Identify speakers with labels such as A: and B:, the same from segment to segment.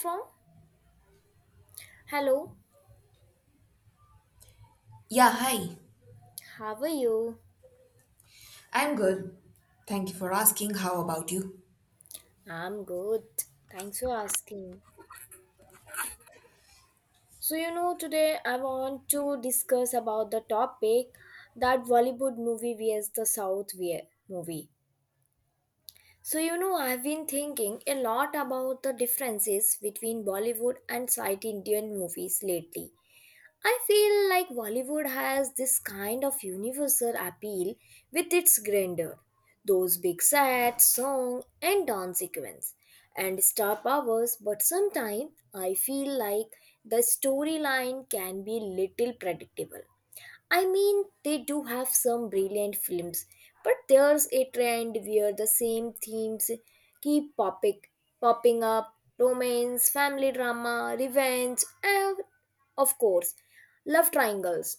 A: From? Hello,
B: Yeah, hi.
A: how are you?
B: I'm good. Thank you for asking. How about you?
A: I'm good. Thanks for asking. So today I want to discuss about the topic that Bollywood movie vs the movie. So I've been thinking a lot about the differences between Bollywood and South Indian movies lately. I feel like Bollywood has this kind of universal appeal with its grandeur, those big sets, song and dance sequence, and star powers. But sometimes I feel like the storyline can be little predictable. I mean, they do have some brilliant films, but there's a trend where the same themes keep popping, popping up romance, family drama, revenge, and of course, love triangles.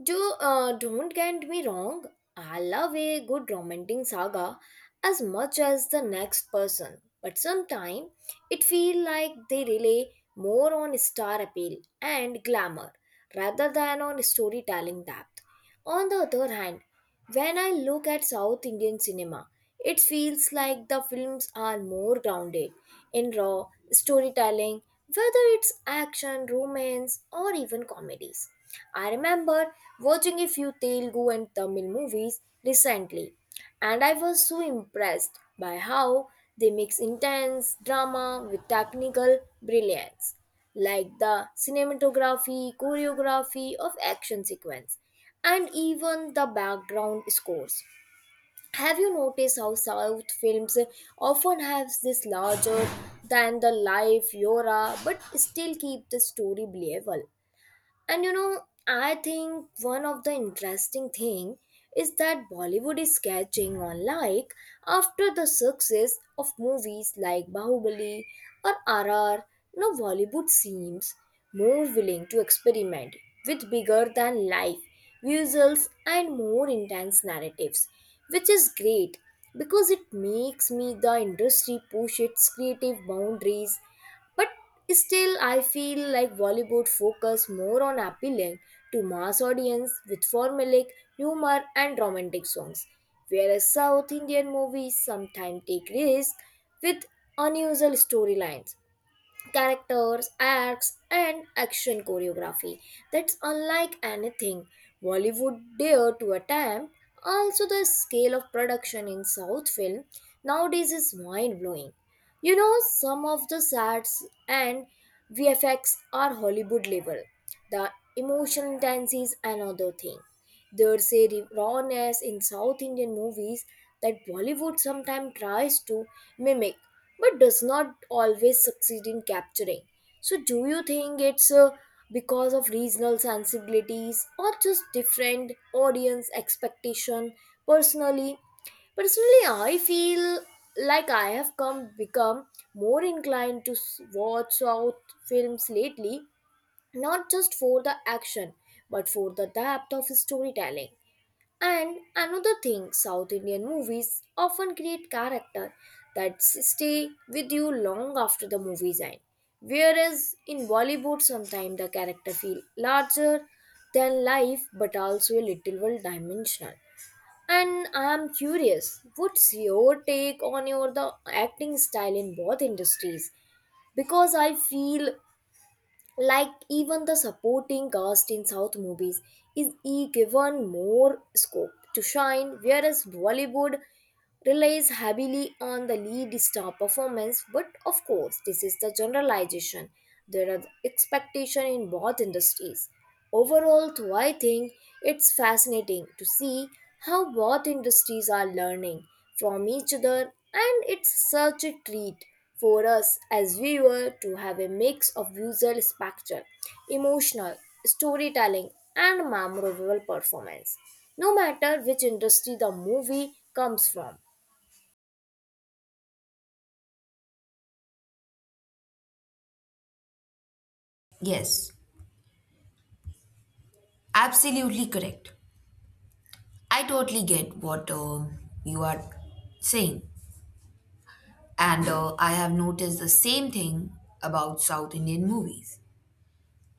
A: Don't get me wrong, I love a good romantic saga as much as the next person, but sometimes it feels like they rely more on star appeal and glamour rather than on storytelling depth. On the other hand, when I look at South Indian cinema, it feels like the films are more grounded in raw storytelling, whether it's action, romance, or even comedies. I remember watching a few Telugu and Tamil movies recently, and I was so impressed by how they mix intense drama with technical brilliance, like the cinematography, choreography of action sequence, and even the background scores. Have you noticed how South films often have this larger than the life aura but still keep the story believable? And I think one of the interesting thing is that Bollywood is catching on, like after the success of movies like Bahubali or RR, now Bollywood seems more willing to experiment with bigger than life visuals and more intense narratives, which is great because it makes me the industry push its creative boundaries. But still, I feel like Bollywood focus more on appealing to mass audience with formulaic humor and romantic songs, whereas South Indian movies sometimes take risks with unusual storylines characters, acts, and action choreography that's unlike anything Bollywood dared to attempt. Also, the scale of production in South film nowadays is mind blowing. You know, some of the sets and VFX are Hollywood level. The emotional intensity is another thing. There's a rawness in South Indian movies that Bollywood sometimes tries to mimic but does not always succeed in capturing. So, do you think it's because of regional sensibilities or just different audience expectation? Personally, personally, I feel like I have come become more inclined to watch South films lately, not just for the action but for the depth of storytelling. And another thing, South Indian movies often create character that stay with you long after the movies end. Whereas in Bollywood, sometimes the character feel larger than life, but also a little well dimensional. And I am curious, what's your take on your the acting style in both industries? Because I feel like even the supporting cast in south movies is given more scope to shine, whereas Bollywood relies heavily on the lead star performance. But of course this is the generalization, there are expectation in both industries. Overall though, I think it's fascinating to see how both industries are learning from each other, and it's such a treat for us as viewer to have a mix of visual spectacle, emotional storytelling, and memorable performance, no matter which industry the movie comes from.
B: Yes, absolutely correct. I totally get what you are saying. And I have noticed the same thing about South Indian movies.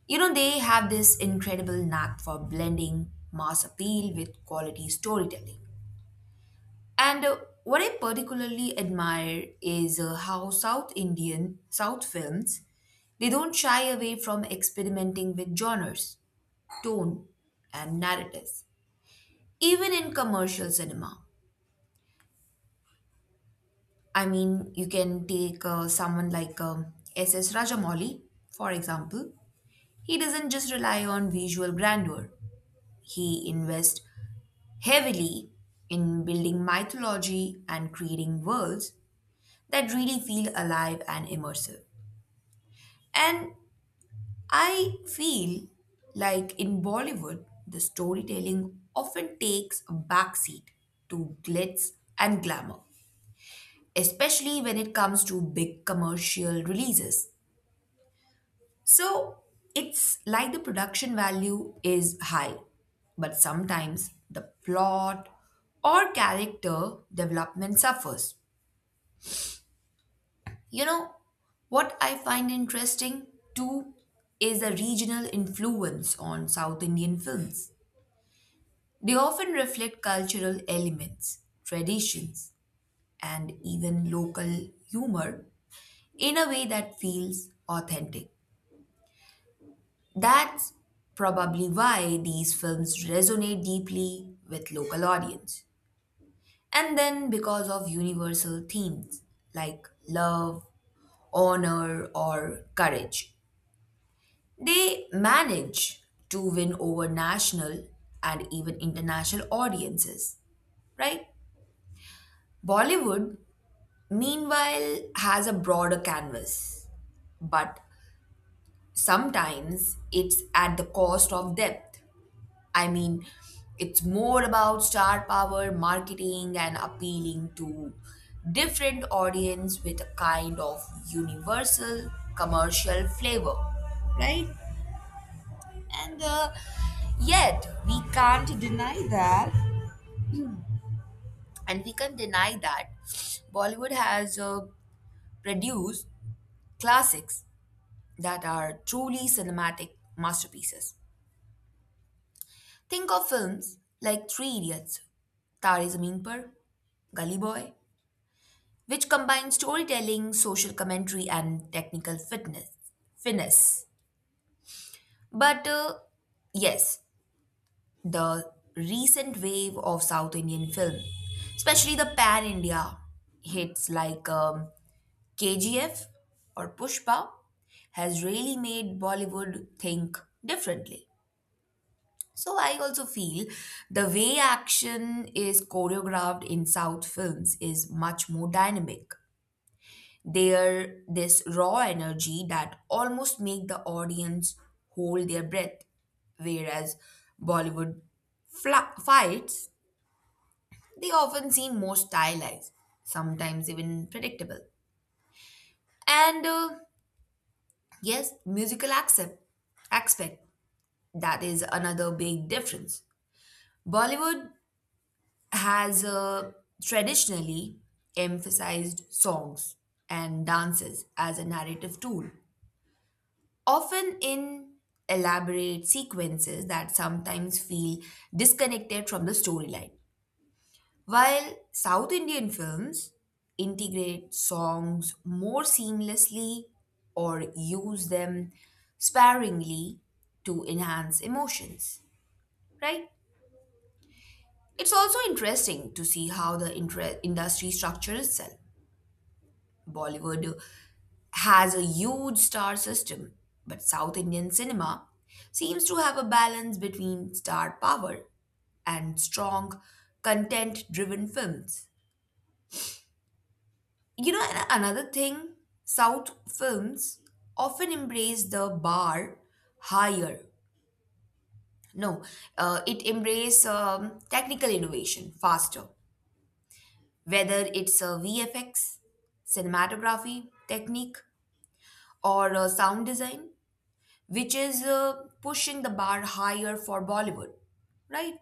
B: You know, they have this incredible knack for blending mass appeal with quality storytelling. And what I particularly admire is how South films they don't shy away from experimenting with genres, tone, and narratives, even in commercial cinema. I mean, you can take someone like S. S. Rajamouli, for example. He doesn't just rely on visual grandeur, he invests heavily in building mythology and creating worlds that really feel alive and immersive. And I feel like in Bollywood, the storytelling often takes a backseat to glitz and glamour, especially when it comes to big commercial releases. So it's like the production value is high, but sometimes the plot or character development suffers. You know, what I find interesting too is the regional influence on South Indian films. They often reflect cultural elements, traditions, and even local humor in a way that feels authentic. That's probably why these films resonate deeply with local audience. And then because of universal themes like love, honor, or courage, they manage to win over national and even international audiences, right? Bollywood meanwhile has a broader canvas, but sometimes it's at the cost of depth. I mean, it's more about star power, marketing, and appealing to different audience with a kind of universal commercial flavor, right? and yet we can't deny that, and we can deny that Bollywood has produced classics that are truly cinematic masterpieces. Think of films like Three Idiots, Tare Zameen Par, Gully Boy, which combine storytelling, social commentary, and technical fitness finesse. But yes, the recent wave of South Indian film, especially the pan India hits like KGF or Pushpa, has really made Bollywood think differently. So I also feel the way action is choreographed in South films is much more dynamic. There this raw energy that almost make the audience hold their breath, whereas Bollywood fights, they often seem more stylized, sometimes even predictable. And yes, musical accept aspect, that is another big difference. Bollywood has traditionally emphasized songs and dances as a narrative tool, often in elaborate sequences that sometimes feel disconnected from the storyline. While South Indian films integrate songs more seamlessly or use them sparingly to enhance emotions, right? It's also interesting to see how the industry structures itself. Bollywood has a huge star system, but South Indian cinema seems to have a balance between star power and strong, content driven films. You know, and another thing, South films often embrace the bar higher. No, it embrace technical innovation faster, whether it's VFX, cinematography, technique, or sound design, which is pushing the bar higher for Bollywood, right?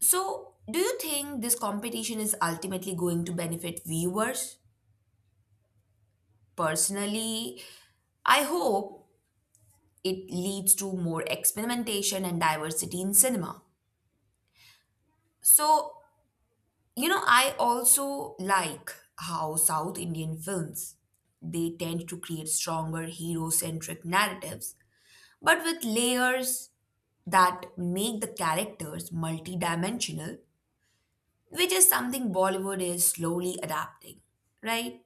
B: So, do you think this competition is ultimately going to benefit viewers? Personally, I hope it leads to more experimentation and diversity in cinema. So, you know, I also like how South Indian films, they tend to create stronger hero-centric narratives, but with layers that make the characters multidimensional, which is something Bollywood is slowly adapting, right?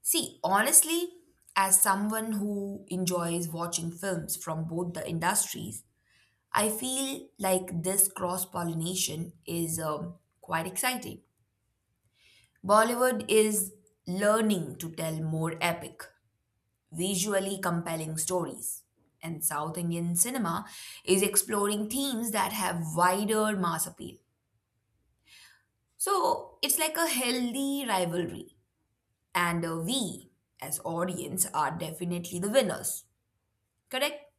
B: See, honestly, as someone who enjoys watching films from both the industries, I feel like this cross pollination is quite exciting. Bollywood is learning to tell more epic, visually compelling stories, and South Indian cinema is exploring themes that have wider mass appeal. So it's like a healthy rivalry, and we as audience are definitely the winners, correct?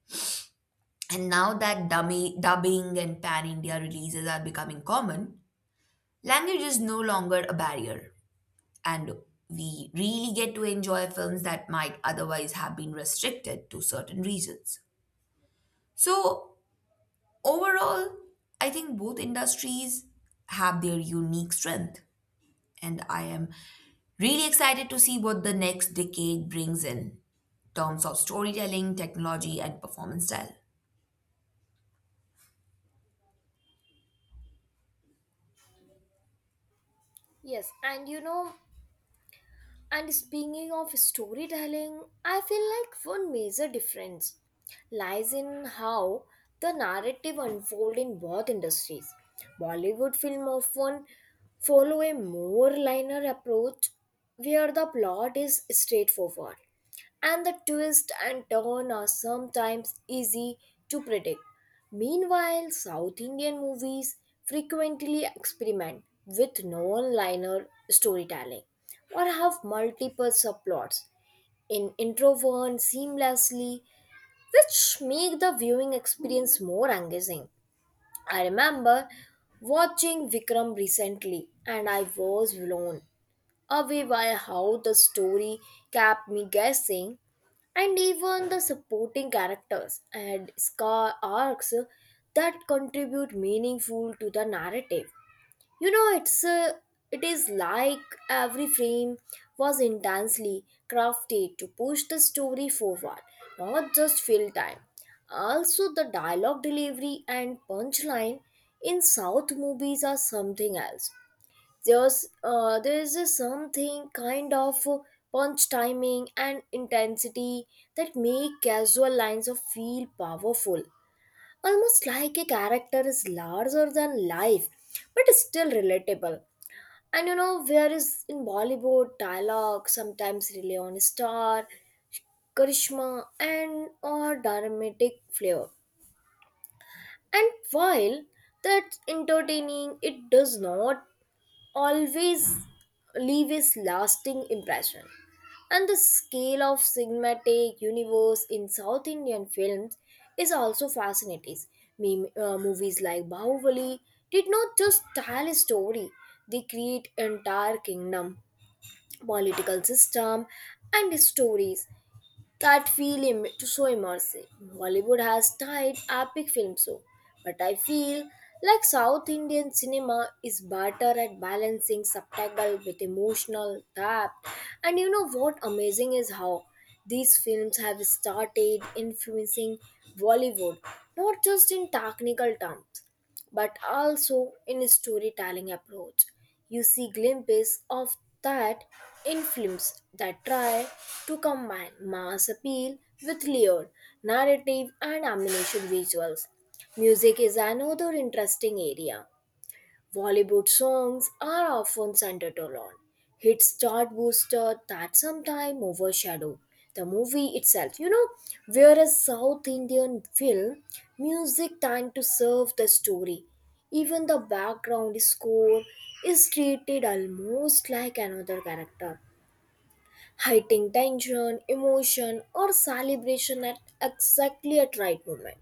B: And now that dummy, dubbing and pan india releases are becoming common, language is no longer a barrier, and we really get to enjoy films that might otherwise have been restricted to certain regions. So overall, I think both industries have their unique strength, and I am really excited to see what the next decade brings in terms of storytelling, technology, and performance style.
A: Yes, and speaking of storytelling, I feel like one major difference lies in how the narrative unfolds in both industries. Bollywood film often follow a more linear approach where the plot is straightforward and the twist and turn are sometimes easy to predict. Meanwhile, South Indian movies frequently experiment with non-linear storytelling or have multiple subplots in interwoven seamlessly, which make the viewing experience more engaging. I remember watching Vikram recently, and I was blown away by how the story kept me guessing and even the supporting characters and scar arcs that contribute meaningful to the narrative. you know it's uh, it is like every frame was intensely crafted to push the story forward, not just fill time. Also the dialogue delivery and punchline in south movies are something else. there's there's a something kind of punch timing and intensity that make casual lines of feel powerful, almost like a character is larger than life but still relatable. And whereas in Bollywood, dialogue sometimes rely on star, charisma, and or dramatic flair. And while that's entertaining, it does not always leave a lasting impression. And the scale of cinematic universe in South Indian films is also fascinating. Movies like Bahubali did not just tell a story; they create entire kingdom political system, and stories that feel so immersive. Bollywood has tried epic films, so, but I feel like South Indian cinema is better at balancing subtitle with emotional depth. And you know what amazing is how these films have started influencing Bollywood, not just in technical terms but also in a storytelling approach. You see glimpses of that in films that try to combine mass appeal with layered narrative and animation visuals. Music is another interesting area. Bollywood songs are often centered around hit chart booster that sometimes overshadow the movie itself. You know, whereas South Indian film music tend to serve the story. Even the background score is treated almost like another character, hiding tension, emotion, or celebration at exactly at right moment.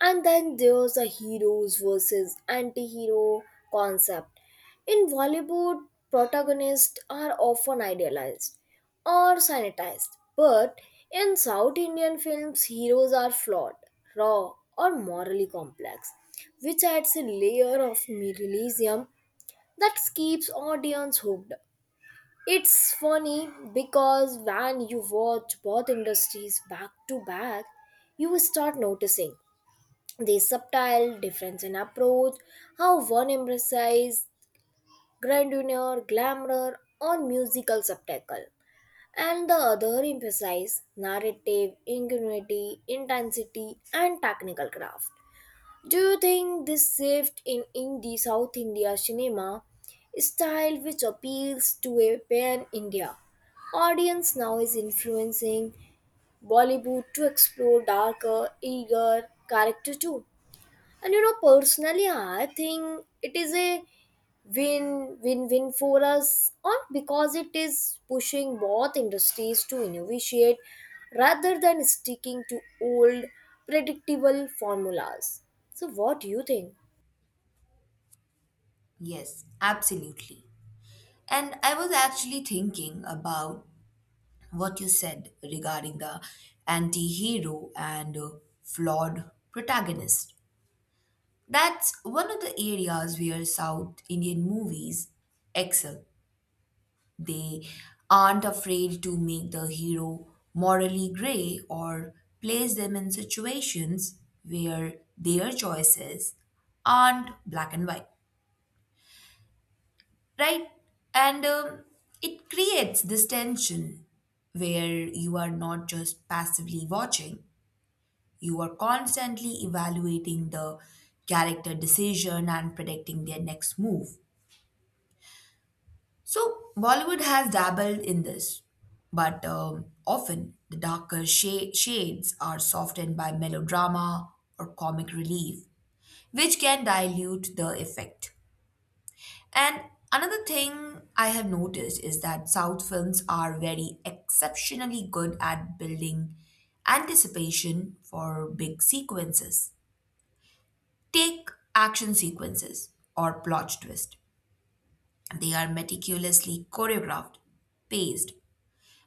A: And then there's a heroes versus anti hero concept. In Bollywood, protagonists are often idealized or sanitized, but in South Indian films, heroes are flawed, raw, or morally complex, which adds a layer of realism that keeps audience hooked. It's funny because when you watch both industries back to back, you start noticing the subtle difference in approach, how one emphasizes grandeur, glamour, or musical spectacle, and the other emphasizes narrative, ingenuity, intensity, and technical craft. Do you think this shift in indie South India cinema style, which appeals to a pan India audience, now is influencing Bollywood to explore darker, eager character too? And personally, I think it is a win win win for us on because it is pushing both industries to innovate rather than sticking to old predictable formulas. So what do you think?
B: Yes, absolutely. And I was actually thinking about what you said regarding the anti hero and flawed protagonist. That's one of the areas where South Indian movies excel. They aren't afraid to make the hero morally gray or place them in situations where their choices aren't black and white, right? And it creates this tension where you are not just passively watching, you are constantly evaluating the character decision and predicting their next move. So, Bollywood has dabbled in this, but often the darker shades are softened by melodrama or comic relief, which can dilute the effect. And another thing I have noticed is that South films are very exceptionally good at building anticipation for big sequences. Take action sequences or plot twist. They are meticulously choreographed, paced,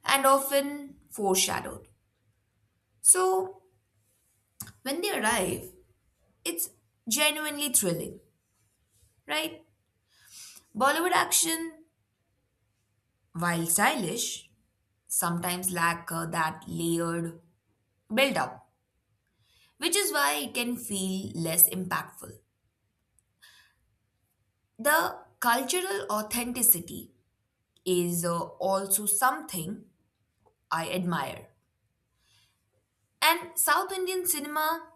B: and often foreshadowed. So when they arrive, it's genuinely thrilling, right? Bollywood action, while stylish, sometimes lack that layered build-up, which is why it can feel less impactful. The cultural authenticity is also something I admire. And South Indian cinema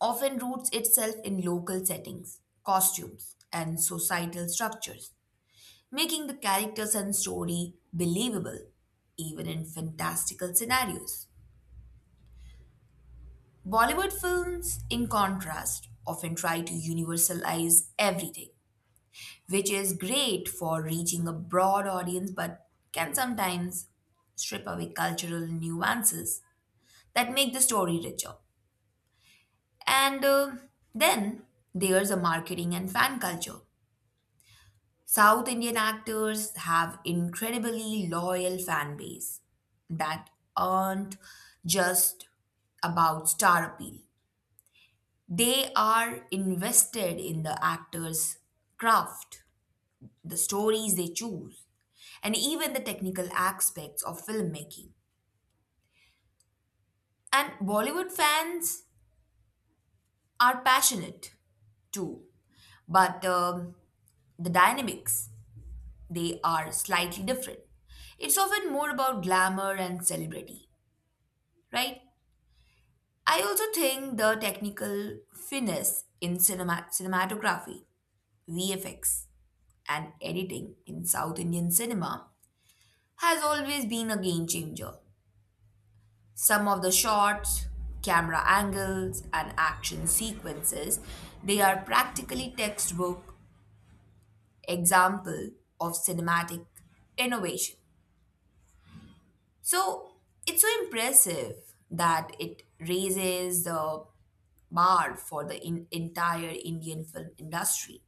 B: often roots itself in local settings, costumes, and societal structures, making the characters and story believable, even in fantastical scenarios. Bollywood films, in contrast, often try to universalize everything, which is great for reaching a broad audience, but can sometimes strip away cultural nuances that make the story richer. And then there's a marketing and fan culture. South Indian actors have incredibly loyal fan base that aren't just about star appeal. They are invested in the actors' craft, the stories they choose, and even the technical aspects of filmmaking. And Bollywood fans are passionate too, but the dynamics, they are slightly different. It's often more about glamour and celebrity, right? I also think the technical finesse in cinematography, VFX, and editing in South Indian cinema has always been a game changer. Some of the shots, camera angles, and action sequences, they are practically textbook example of cinematic innovation. So it's so impressive that it raises the marred for the entire Indian film industry.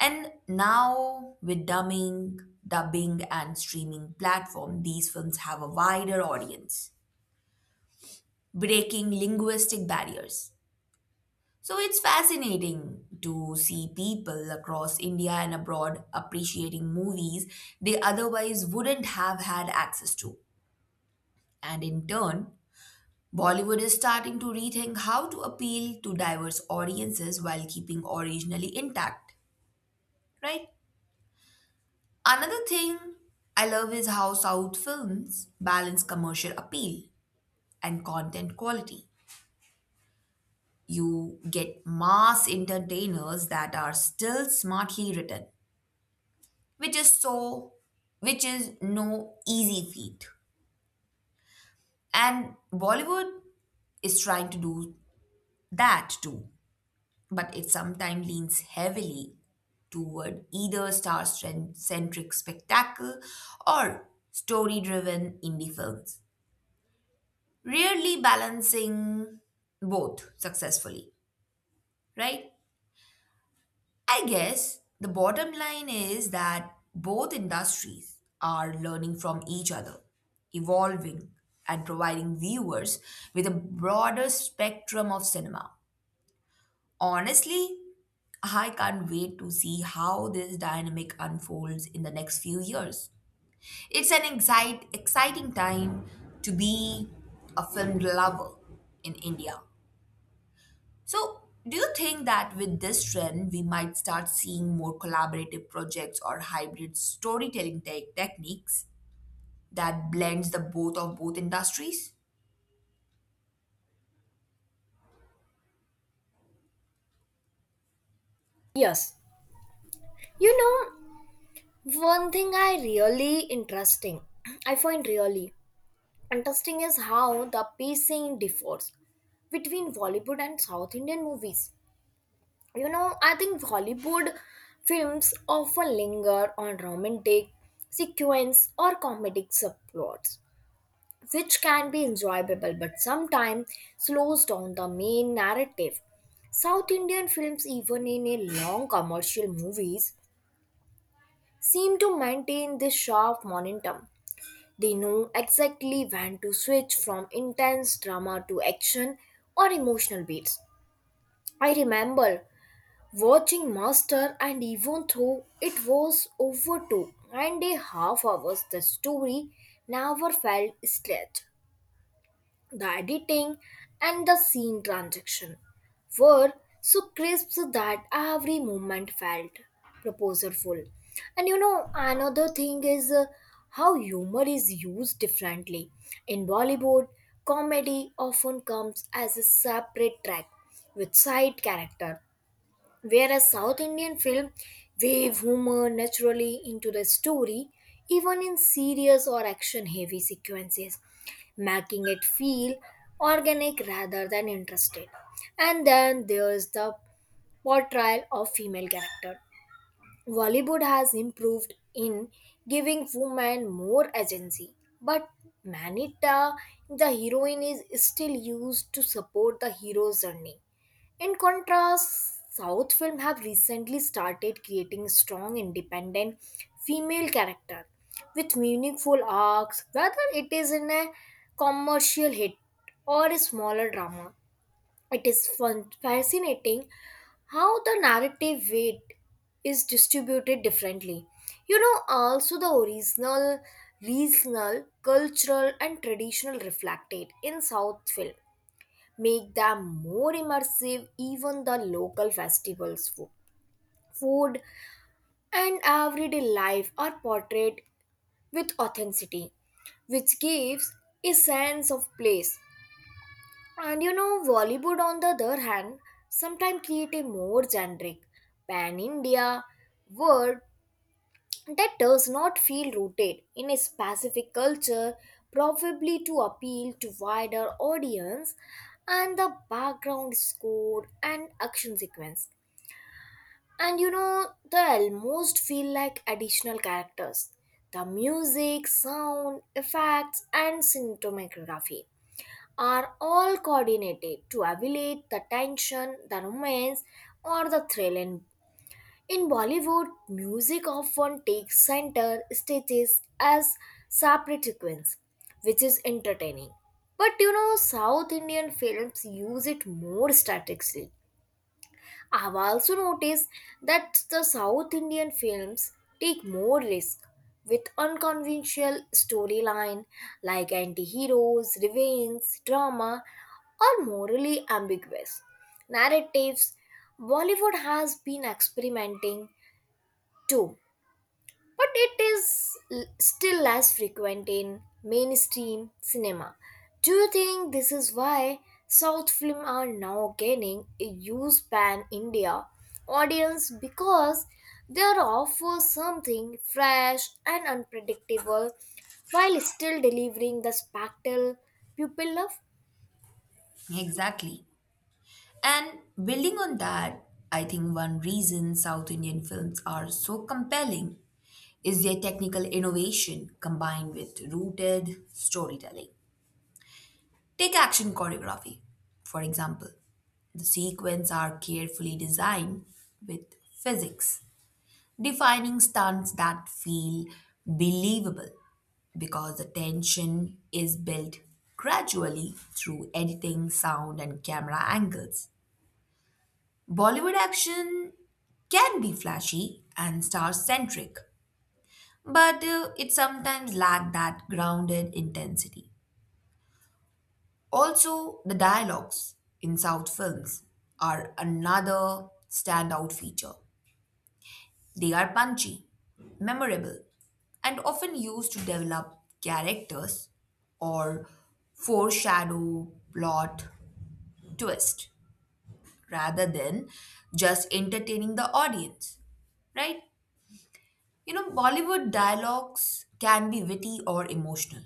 B: And now, with dubbing, and streaming platform, these films have a wider audience, breaking linguistic barriers. So it's fascinating to see people across India and abroad appreciating movies they otherwise wouldn't have had access to. And in turn, Bollywood is starting to rethink how to appeal to diverse audiences while keeping originally intact. Right. Another thing I love is how South films balance commercial appeal and content quality. You get mass entertainers that are still smartly written, which is so, which is no easy feat. And Bollywood is trying to do that too, but it sometimes leans heavily toward either star-centric spectacle or story-driven indie films, rarely balancing both successfully, right? I guess the bottom line is that both industries are learning from each other, evolving, and providing viewers with a broader spectrum of cinema. Honestly, I can't wait to see how this dynamic unfolds in the next few years. It's an exciting time to be a film lover in India. So, do you think that with this trend, we might start seeing more collaborative projects or hybrid storytelling techniques that blends the both of both industries?
A: Yes. You know, one thing I find really interesting is how the pacing differs between Bollywood and South Indian movies. You know, I think Hollywood films often linger on romantic sequence or comedic subplots, which can be enjoyable but sometimes slows down the main narrative. South Indian films, even in a long commercial movies, seem to maintain this sharp momentum. They know exactly when to switch from intense drama to action or emotional beats. I remember watching Master, and even though it was over 2.5 hours, the story never felt stretched. The editing and the scene transition were so crisp that every moment felt proposalful. And you know, another thing is how humor is used differently. In Bollywood, comedy often comes as a separate track with side character. Whereas South Indian film wave humor naturally into the story, even in serious or action heavy sequences, making it feel organic rather than interested. And then there's the portrayal of female character. Bollywood has improved in giving women more agency, but Manita, the heroine, is still used to support the hero's journey. In contrast, South film have recently started creating strong independent female character with meaningful arcs, whether it is in a commercial hit or a smaller drama. It is fascinating how the narrative weight is distributed differently. You know, also the original, regional, cultural, and traditional reflected in South film make them more immersive. Even the local festivals, food, and everyday life are portrayed with authenticity, which gives a sense of place. And you know, Bollywood, on the other hand, sometimes create a more generic pan India world that does not feel rooted in a specific culture, probably to appeal to wider audience, and the background score and action sequence. And you know, they almost feel like additional characters. The music, sound, effects, and cinematography are all coordinated to elevate the tension, the romance, or the thrill in Bollywood. Music often takes center stages as separate sequence, which is entertaining. But you know, South Indian films use it more strategically. I've also noticed that the South Indian films take more risk with unconventional storyline like anti-heroes, revenge, drama, or morally ambiguous narratives. Bollywood has been experimenting too, but it is still less frequent in mainstream cinema. Do you think this is why South films are now gaining a huge pan India audience because they offer something fresh and unpredictable while still delivering the spectacle people love?
B: Exactly. And building on that, I think one reason South Indian films are so compelling is their technical innovation combined with rooted storytelling. Take action choreography, for example. The sequences are carefully designed with physics defining stunts that feel believable because the tension is built gradually through editing, sound, and camera angles. Bollywood action can be flashy and star centric, but it sometimes lacks that grounded intensity. Also, the dialogues in South films are another standout feature. They are punchy, memorable, and often used to develop characters or foreshadow plot twist rather than just entertaining the audience, right? You know, Bollywood dialogues can be witty or emotional,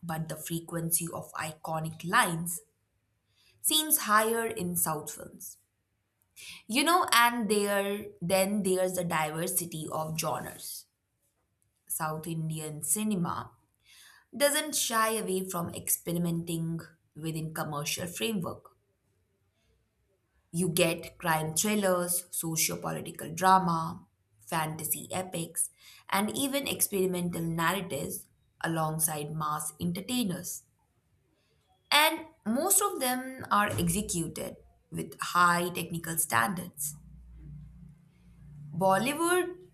B: but the frequency of iconic lines seems higher in South films. You know, and there then there's the diversity of genres. South Indian cinema doesn't shy away from experimenting within commercial framework. You get crime thrillers, socio-political drama, fantasy epics, and even experimental narratives alongside mass entertainers. And most of them are executed with high technical standards. Bollywood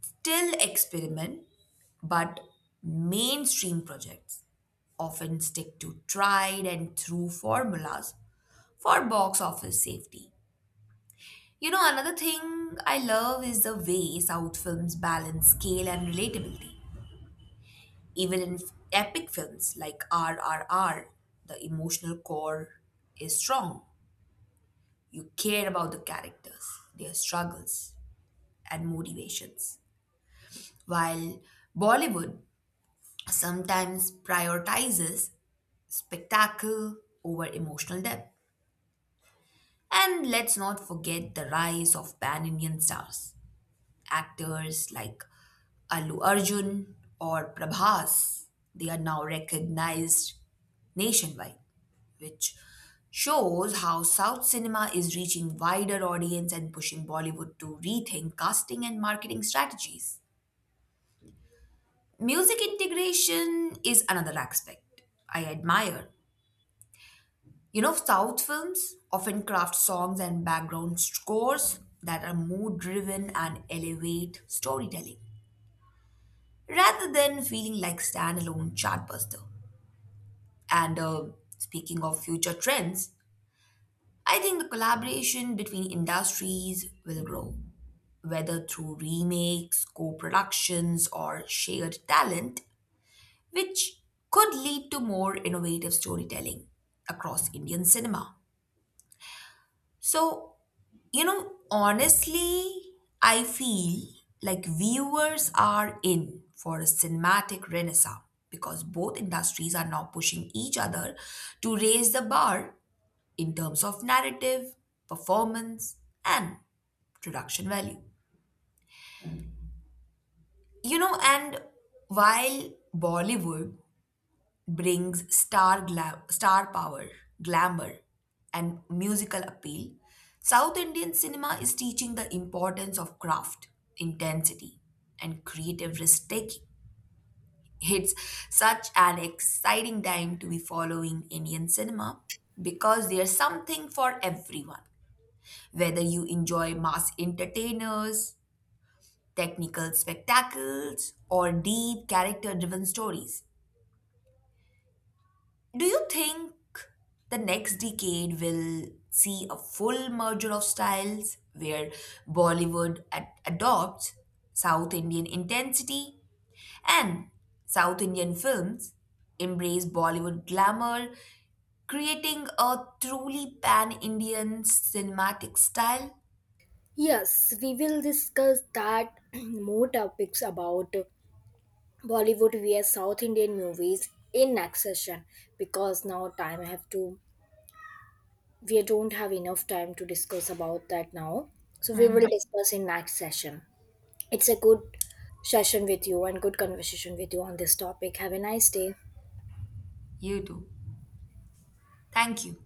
B: still experiment, but mainstream projects often stick to tried and true formulas for box office safety. You know, another thing I love is the way South films balance scale and relatability. Even in epic films like RRR, the emotional core is strong. You care about the characters, their struggles, and motivations. While Bollywood sometimes prioritizes spectacle over emotional depth. And let's not forget the rise of pan Indian stars. Actors like Allu Arjun, or Prabhas, they are now recognized nationwide, which shows how South cinema is reaching wider audience and pushing Bollywood to rethink casting and marketing strategies. Music integration is another aspect I admire. You know, South films often craft songs and background scores that are mood driven and elevate storytelling rather than feeling like standalone chartbuster. And speaking of future trends, I think the collaboration between industries will grow. Whether through remakes, co productions, or shared talent, which could lead to more innovative storytelling across Indian cinema. So, you know, honestly, I feel like viewers are in for a cinematic renaissance because both industries are now pushing each other to raise the bar in terms of narrative, performance, and production value. You know, and while Bollywood brings star power, glamour, and musical appeal, South Indian cinema is teaching the importance of craft, intensity, and creative risk taking. It's such an exciting time to be following Indian cinema because there's something for everyone. Whether you enjoy mass entertainers, technical spectacles, or deep character driven stories, do you think the next decade will see a full merger of styles where Bollywood adopts South Indian intensity and South Indian films embrace Bollywood glamour, creating a truly pan Indian cinematic style?
A: Yes, we will discuss that more topics about Bollywood vs South Indian movies in next session because now time have to we don't have enough time to discuss about that now. So we will discuss in next session. It's a good session with you and good conversation with you on this topic. Have a nice day.
B: You too. Thank you.